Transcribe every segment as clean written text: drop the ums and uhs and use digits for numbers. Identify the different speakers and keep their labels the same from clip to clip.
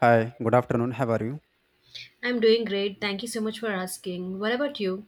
Speaker 1: Hi, good afternoon. How are you?
Speaker 2: I'm doing great. Thank you so much for asking. What about you?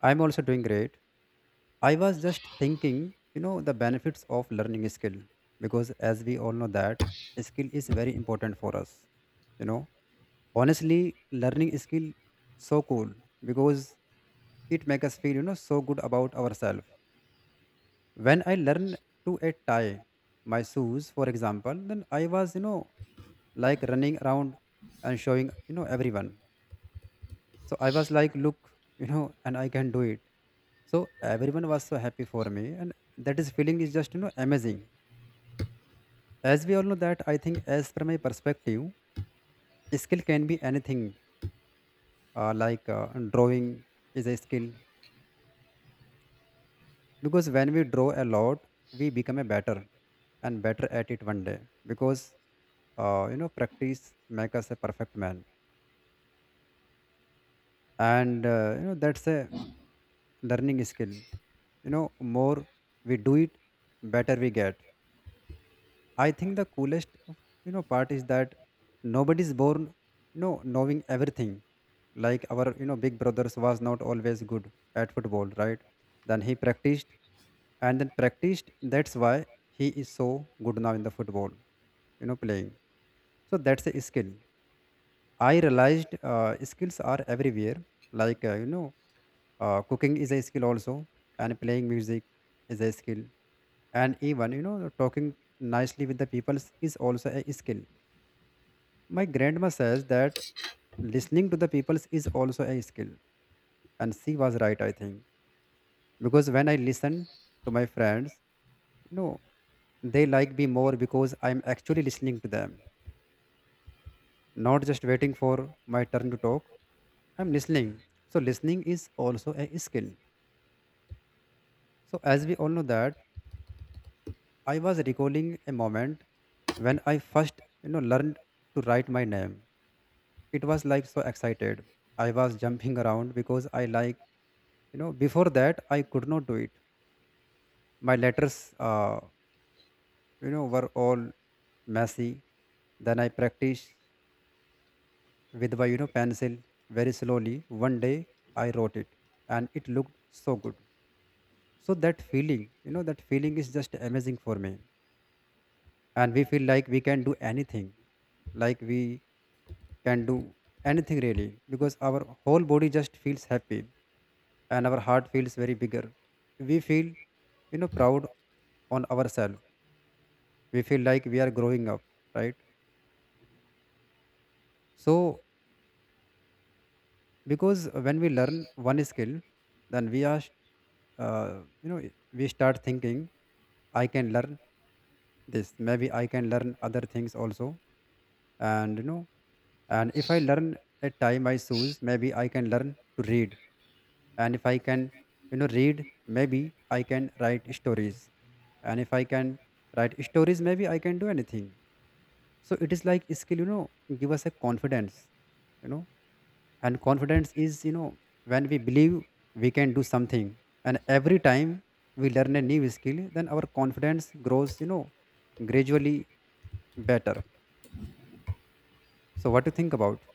Speaker 1: I'm also doing great. I was just thinking, the benefits of learning a skill because as we all know that a skill is very important for us. You know, honestly, learning a skill so cool because it makes us feel, so good about ourselves. When I learned to a tie my shoes, for example, then I was, like running around and showing, everyone. So I was like, look, and I can do it. So everyone was so happy for me, and that is feeling is just amazing. As we all know that, I think as from my perspective, skill can be anything. Like drawing is a skill because when we draw a lot, we become a better and better at it one day because practice makes us a perfect man, and that's a learning skill. You know more we do it, better we get. I think the coolest part is that nobody's born knowing everything. Like our big brothers was not always good at football, right? Then he practiced and then practiced. That's why he is so good now in the football, playing. So that's a skill. I realized skills are everywhere. Like cooking is a skill also, and playing music is a skill, and even talking nicely with the people is also a skill. My grandma says that listening to the people is also a skill, and she was right, I think, because when I listen to my friends, you know, they like me more because I'm actually listening to them, not just waiting for my turn to talk. I'm listening. So listening is also a skill. So as we all know that I was recalling a moment when I first, learned to write my name. It was like so excited. I was jumping around because I like, before that I could not do it. My letters, were all messy. Then I practiced with my, pencil very slowly. One day I wrote it, and it looked so good. So that feeling, that feeling is just amazing for me. And we feel like we can do anything like we can do anything really because our whole body just feels happy and our heart feels very bigger. We feel, proud on ourselves. We feel like we are growing up, right? So because when we learn one skill, then we are, uh, you know, we start thinking, I can learn this. Maybe I can learn other things also, and and if I learn a tie my shoes, maybe I can learn to read. And if I can, read, maybe I can write stories. And if I can write stories, maybe I can do anything. So it is like skill, give us a confidence, you know, and confidence is, when we believe we can do something. And every time we learn a new skill, then our confidence grows, gradually better. So what do you think about?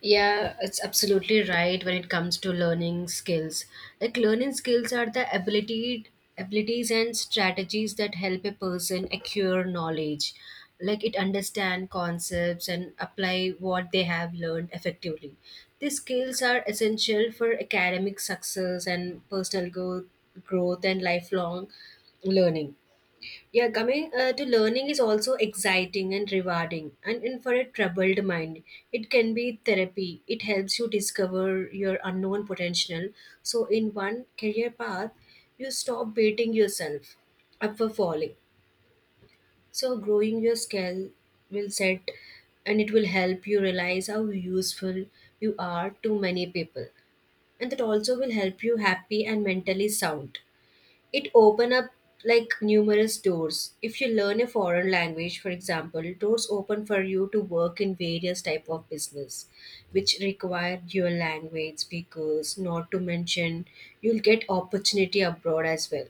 Speaker 2: Yeah, it's absolutely right when it comes to learning skills. Like learning skills are the ability abilities and strategies that help a person acquire knowledge. Like it understand concepts and apply what they have learned effectively. These skills are essential for academic success and personal growth and lifelong learning. Yeah, coming to learning is also exciting and rewarding. And for a troubled mind, it can be therapy. It helps you discover your unknown potential. So, in one career path, you stop beating yourself up for falling. So, growing your skill will set and it will help you realize how useful you are to many people. And that also will help you happy and mentally sound. It open up like numerous doors. If you learn a foreign language, for example, doors open for you to work in various type of business which require dual language speakers, not to mention you'll get opportunity abroad as well.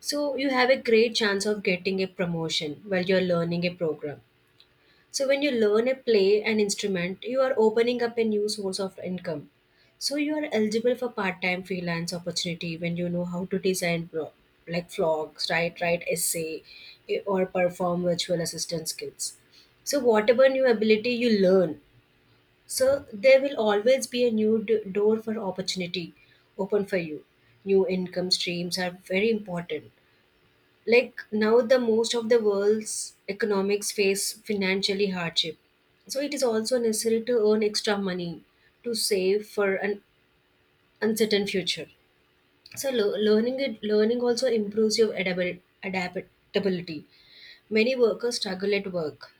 Speaker 2: So you have a great chance of getting a promotion while you're learning a program. So when you learn a play an instrument, you are opening up a new source of income. So you are eligible for part-time freelance opportunity when you know how to design like vlogs, write essay, or perform virtual assistant skills. So whatever new ability you learn, so there will always be a new door for opportunity open for you. New income streams are very important, like now the most of the world's economics face financially hardship. So it is also necessary to earn extra money to save for an uncertain future. So learning also improves your adaptability. Many workers struggle at work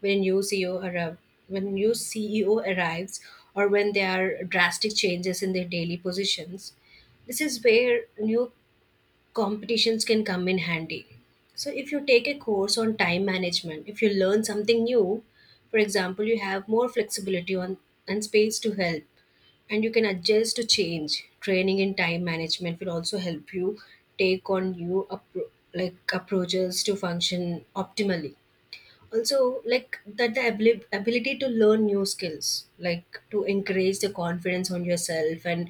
Speaker 2: when when new CEO arrives, or when there are drastic changes in their daily positions. This is where new competitions can come in handy. So, if you take a course on time management, if you learn something new, for example, you have more flexibility on and space to help, and you can adjust to change. Training in time management will also help you take on like approaches to function optimally. Also, like that the ability to learn new skills like to encourage the confidence on yourself and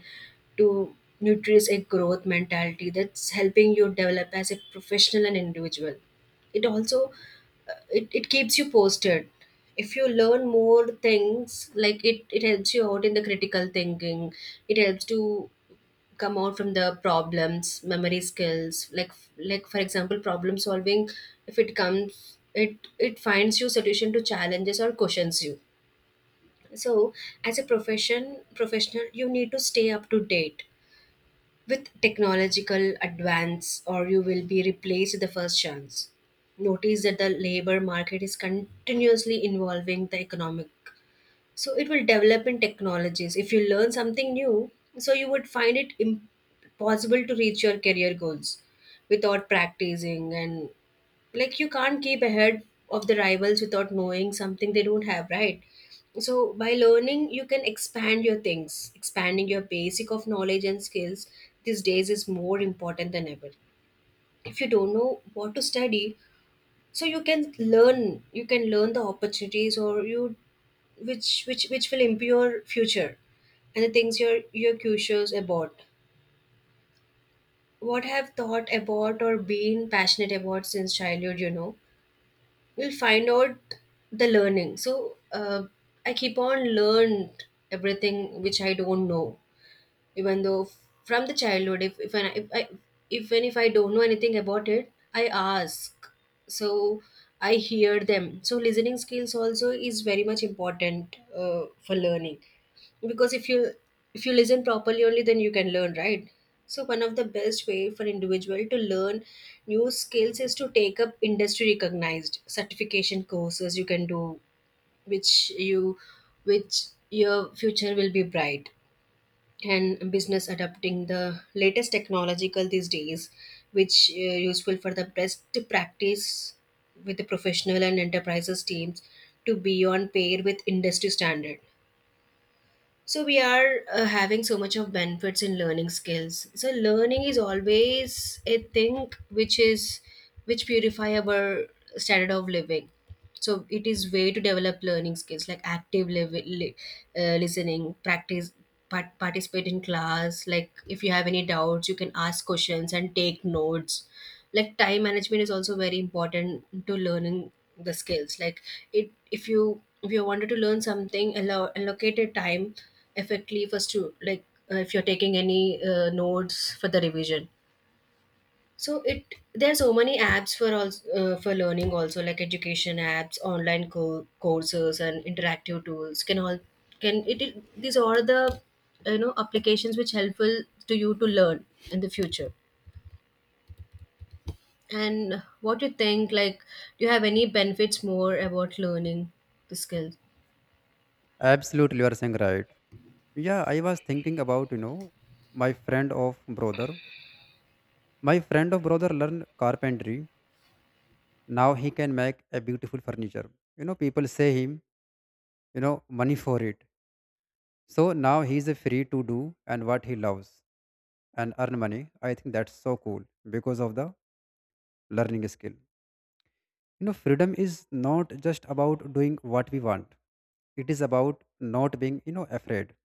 Speaker 2: to nourish a growth mentality, that's helping you develop as a professional and individual. It also, it keeps you posted. If you learn more things, like it helps you out in the critical thinking. It helps to come out from the problems, memory skills, like for example problem solving. If it comes, it finds you solution to challenges or questions you. So as a professional, you need to stay up to date with technological advance, or you will be replaced the first chance. Notice that the labor market is continuously involving the economic, so it will develop in technologies. If you learn something new, so you would find it impossible to reach your career goals without practicing. And like you can't keep ahead of the rivals without knowing something they don't have, right? So by learning you can expand your things, expanding your basic of knowledge and skills these days is more important than ever. If you don't know what to study, so you can learn the opportunities or you, which which will impair your future and the things you're curious about, what have thought about or been passionate about since childhood, you know we'll find out the learning. So I keep on learned everything which I don't know, even though from the childhood if I even if I don't know anything about it, I ask. So I hear them. So listening skills also is very much important for learning, because if you listen properly, only then you can learn, right? So one of the best way for individual to learn new skills is to take up industry recognized certification courses you can do, which you, which your future will be bright. And business adapting the latest technological these days, which useful for the best to practice with the professional and enterprises teams to be on par with industry standard. So we are having so much of benefits in learning skills. So learning is always a thing which is, which purify our standard of living. So it is way to develop learning skills like listening, practice, participate in class. Like if you have any doubts, you can ask questions and take notes. Like time management is also very important to learning the skills. Like it, if you wanted to learn something, allow allocate a time effectively first to like, if you're taking any notes for the revision. So it, there are so many apps for also, for learning also, like education apps, online courses and interactive tools can all can it, these are the you know applications which helpful to you to learn in the future. And what you think like, do you have any benefits more about learning the skills?
Speaker 1: Absolutely, you are saying right. Yeah, I was thinking about, my friend of brother. My friend of brother learned carpentry. Now he can make a beautiful furniture. You know, people say him, money for it. So now he is free to do and what he loves and earn money. I think that's so cool because of the learning skill. You know, freedom is not just about doing what we want. It is about not being, afraid.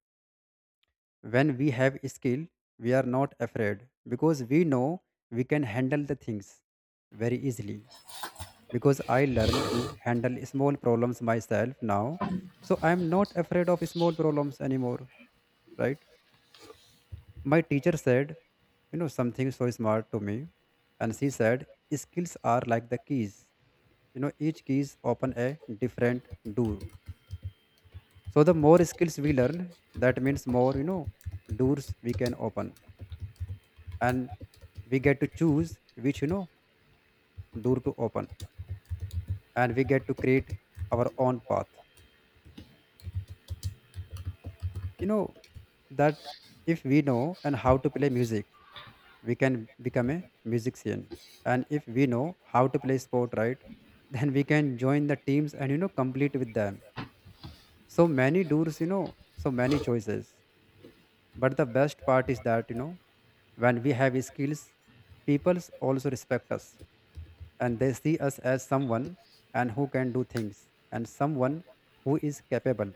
Speaker 1: When we have skill, we are not afraid because we know we can handle the things very easily. Because I learned to handle small problems myself now. So I'm not afraid of small problems anymore, right? My teacher said, something so smart to me. And she said, skills are like the keys. You know, each keys open a different door. So the more skills we learn, that means more, doors we can open. And we get to choose which door to open, and we get to create our own path, you know that if we know and how to play music, we can become a musician. And if we know how to play sport, right, then we can join the teams and complete with them. So many doors, so many choices. But the best part is that when we have skills, people also respect us, and they see us as someone and who can do things and someone who is capable.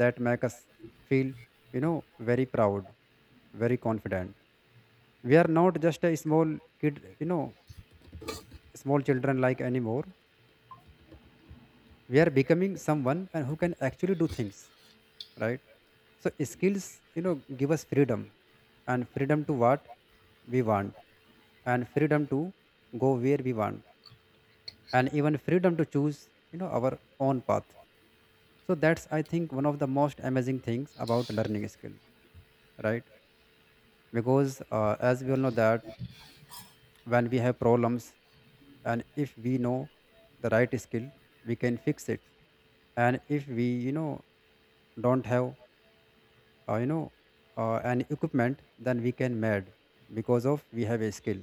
Speaker 1: That make us feel very proud, very confident. We are not just a small kid, small children like anymore. We are becoming someone and who can actually do things, right? So skills, you know give us freedom, and freedom to what we want, and freedom to go where we want, and even freedom to choose our own path. So that's, I think, one of the most amazing things about learning skill, right? Because as we all know that when we have problems and if we know the right skill, we can fix it. And if we don't have uh, you know an equipment, then we can mad because of we have a skill.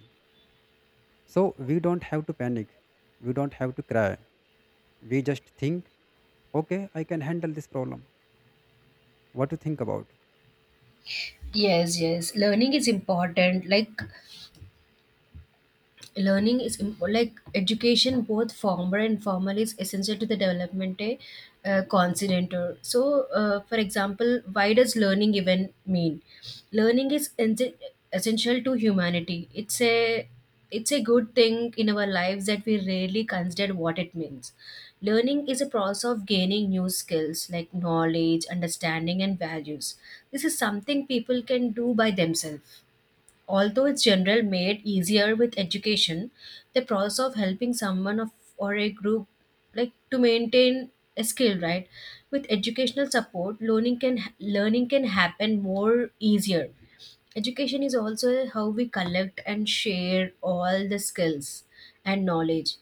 Speaker 1: So we don't have to panic, we don't have to cry, we just think, okay, I can handle this problem. What to think about?
Speaker 2: Yes, learning is important. Like learning is like education both formal and formal is essential to the development a continentor. So for example, why does learning even mean? Learning is essential to humanity. It's a good thing in our lives that we rarely consider what it means. Learning is a process of gaining new skills like knowledge, understanding and values. This is something people can do by themselves, although it's general made easier with education, the process of helping someone of, or a group, like to maintain a skill, right? With educational support, learning can happen more easier. Education is also how we collect and share all the skills and knowledge.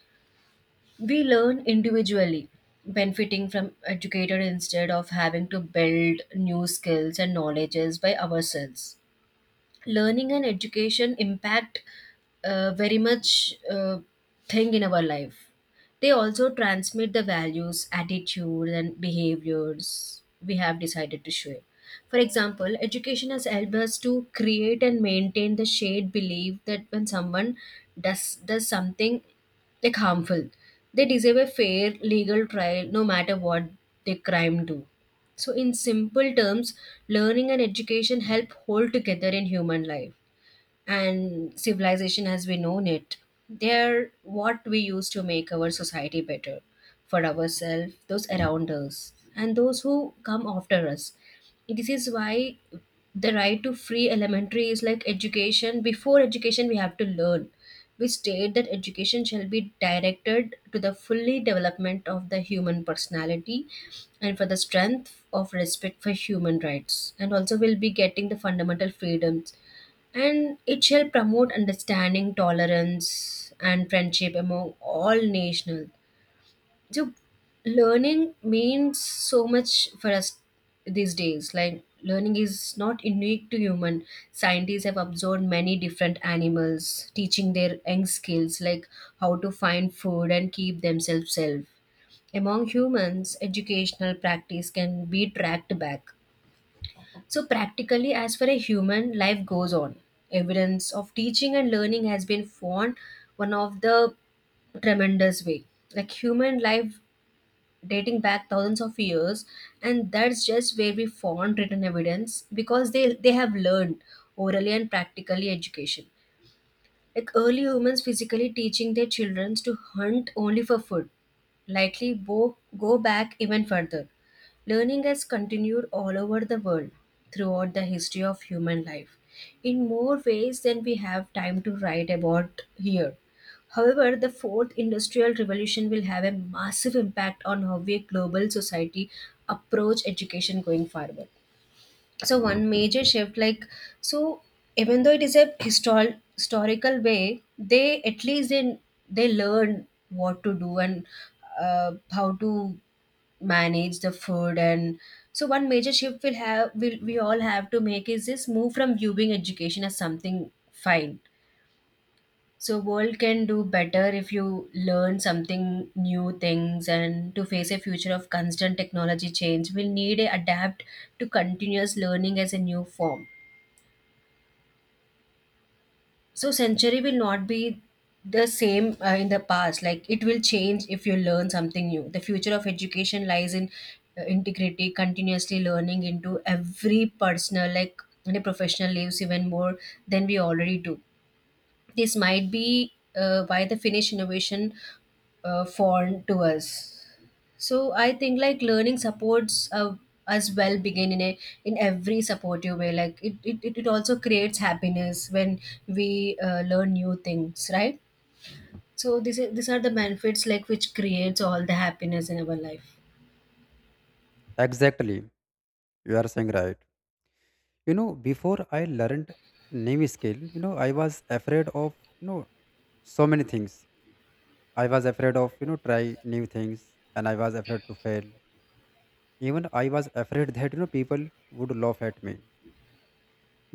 Speaker 2: We learn individually, benefiting from educator instead of having to build new skills and knowledges by ourselves. Learning and education impact very much thing in our life. They also transmit the values, attitude, and behaviors we have decided to share. For example, education has helped us to create and maintain the shared belief that when someone does something like harmful, they deserve a fair legal trial no matter what they crime do. So, in simple terms, learning and education help hold together in human life and civilization as we know it. They're what we use to make our society better for ourselves, those around us, and those who come after us. This is why the right to free elementary is like education. Before education, we have to learn. We state that education shall be directed to the fully development of the human personality and for the strength of respect for human rights, and also we'll be getting the fundamental freedoms, and it shall promote understanding, tolerance, and friendship among all nations. So, learning means so much for us these days. Like, learning is not unique to human. Scientists have observed many different animals, teaching their young skills like how to find food and keep themselves safe. Among humans, educational practice can be tracked back, so, practically, as far a human life goes on, evidence of teaching and learning has been found one of the tremendous way. Like human life dating back thousands of years, and that's just where we found written evidence, because they have learned orally and practically education. Like early humans physically teaching their children to hunt only for food, likely go back even further. Learning has continued all over the world throughout the history of human life in more ways than we have time to write about here. However, the fourth industrial revolution will have a massive impact on how we global society approach education going forward. So one major shift like, so even though it is a historical way, they at least they learn what to do and how to manage the food. And so one major shift we'll have, will we all have to make, is this move from viewing education as something fine. So world can do better if you learn something new things, and to face a future of constant technology change, we'll need a adapt to continuous learning as a new form. So century will not be the same in the past. Like it will change if you learn something new. The future of education lies in integrity, continuously learning into every personal, like in a professional lives even more than we already do. This might be why the Finnish innovation foreign to us. So I think like learning supports as well begin in a, in every supportive way. Like it also creates happiness when we learn new things, right? So this is, these are the benefits like which creates all the happiness in our life.
Speaker 1: Exactly, you are saying right. You know, before I learned name skill, I was afraid of you know so many things. I was afraid of try new things, and I was afraid to fail. Even I was afraid that people would laugh at me.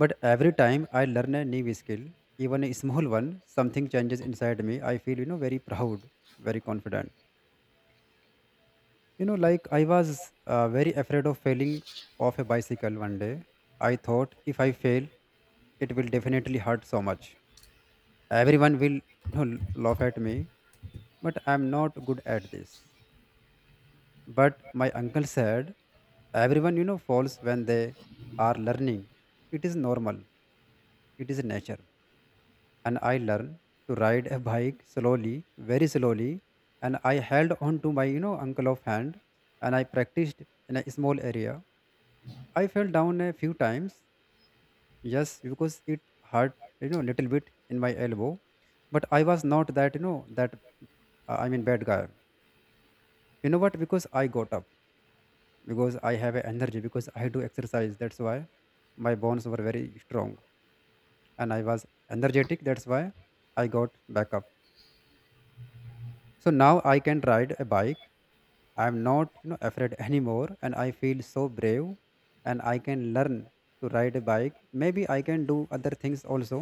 Speaker 1: But every time I learn a new skill, even a small one, something changes inside me. I feel very proud, very confident. You know, like I was very afraid of failing off a bicycle one day. I thought if I fail, it will definitely hurt so much. Everyone will you know laugh at me, but I'm not good at this. But my uncle said everyone falls when they are learning. It is normal, it is nature. And I learned to ride a bike slowly, very slowly. And I held on to my uncle of hand, and I practiced in a small area. I fell down a few times, yes, because it hurt little bit in my elbow. But I was not that, I mean bad guy, you know what, because I got up. Because I have a energy, because I do exercise, that's why my bones were very strong, and I was energetic, that's why I got back up. So now I can ride a bike. I'm not afraid anymore, and I feel so brave. And I can learn to ride a bike, maybe I can do other things also.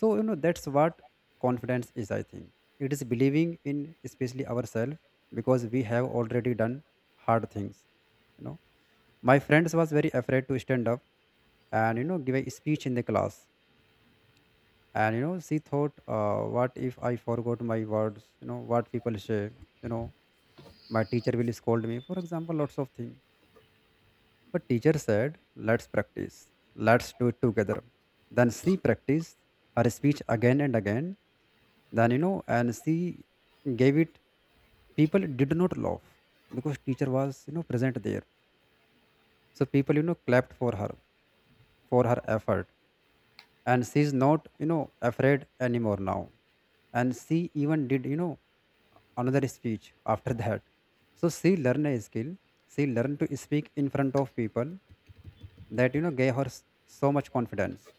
Speaker 1: So that's what confidence is, I think. It is believing in especially ourselves because we have already done hard things, you know. My friends was very afraid to stand up and give a speech in the class. And you know she thought, what if I forgot my words? You know what people say. You know my teacher will scold me. For example, lots of things. But teacher said, let's practice. Let's do it together. Then she practiced her speech again and again. Then and she gave it. People did not laugh because teacher was present there. So people clapped for her, for her effort. And she's not afraid anymore now, and she even did another speech after that. So she learned a skill, she learned to speak in front of people. That gave her so much confidence.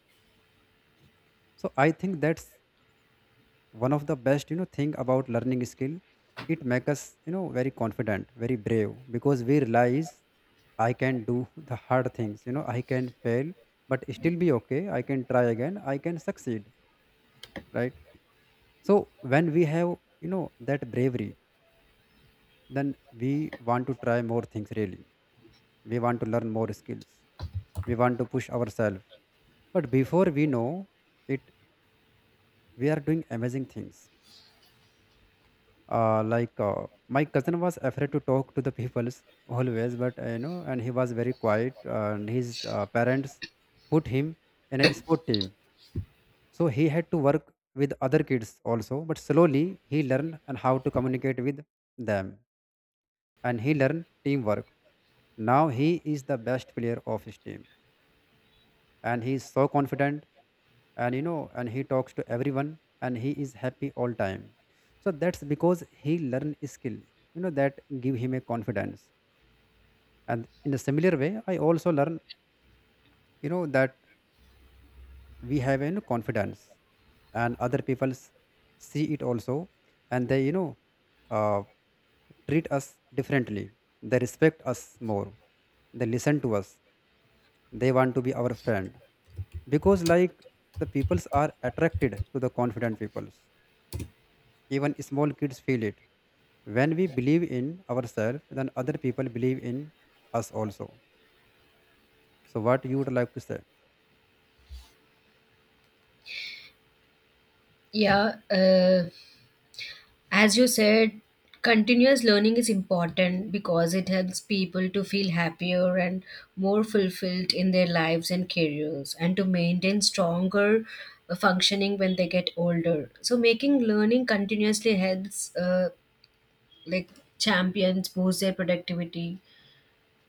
Speaker 1: So I think that's one of the best thing about learning skill. It makes us very confident, very brave, because we realize I can do the hard things, you know. I can fail but still be okay. I can try again, I can succeed, right? So when we have, that bravery, then we want to try more things really. We want to learn more skills. We want to push ourselves. But before we know it, we are doing amazing things. Like my cousin was afraid to talk to the people always, but and he was very quiet. And his parents put him in a sport team, so he had to work with other kids also. But slowly he learned and how to communicate with them, and he learned teamwork. Now he is the best player of his team, and he is so confident, and and he talks to everyone, and he is happy all time. So that's because he learn skill, that give him a confidence. And in a similar way, I also learn that we have a confidence and other people see it also, and they uh, treat us differently. They respect us more, they listen to us, they want to be our friend, because like the peoples are attracted to the confident peoples. Even small kids feel it. When we believe in ourselves, then other people believe in us also. So what you would like to say?
Speaker 2: Yeah. As you said, continuous learning is important because it helps people to feel happier and more fulfilled in their lives and careers and to maintain stronger functioning when they get older. So, making learning continuously helps, like, champions boost their productivity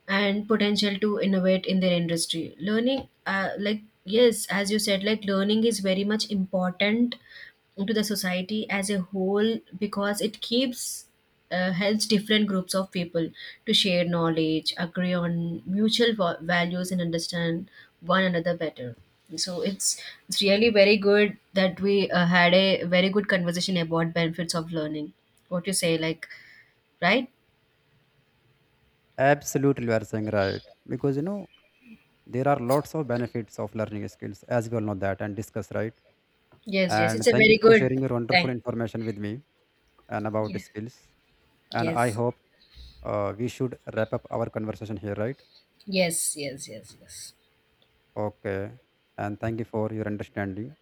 Speaker 2: and potential to innovate in their industry learning like, yes, as you said, like learning is very much important to the society as a whole because it keeps helps different groups of people to share knowledge, agree on mutual values and understand one another better. So it's really very good that we had a very good conversation about benefits of learning. What you say like, right?
Speaker 1: Absolutely, you are saying right, because there are lots of benefits of learning skills, as we all know that, and discuss, right?
Speaker 2: Yes,
Speaker 1: And
Speaker 2: it's a
Speaker 1: thank you
Speaker 2: very
Speaker 1: for
Speaker 2: good
Speaker 1: sharing your wonderful
Speaker 2: thing.
Speaker 1: information with me, and about
Speaker 2: Yes.
Speaker 1: skills. And I
Speaker 2: Yes,
Speaker 1: hope we should wrap up our conversation here, right?
Speaker 2: yes, yes, yes, yes,
Speaker 1: Okay, and thank you for your understanding.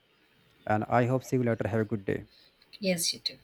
Speaker 1: And I hope see you later. Have a good day.
Speaker 2: yes, you do.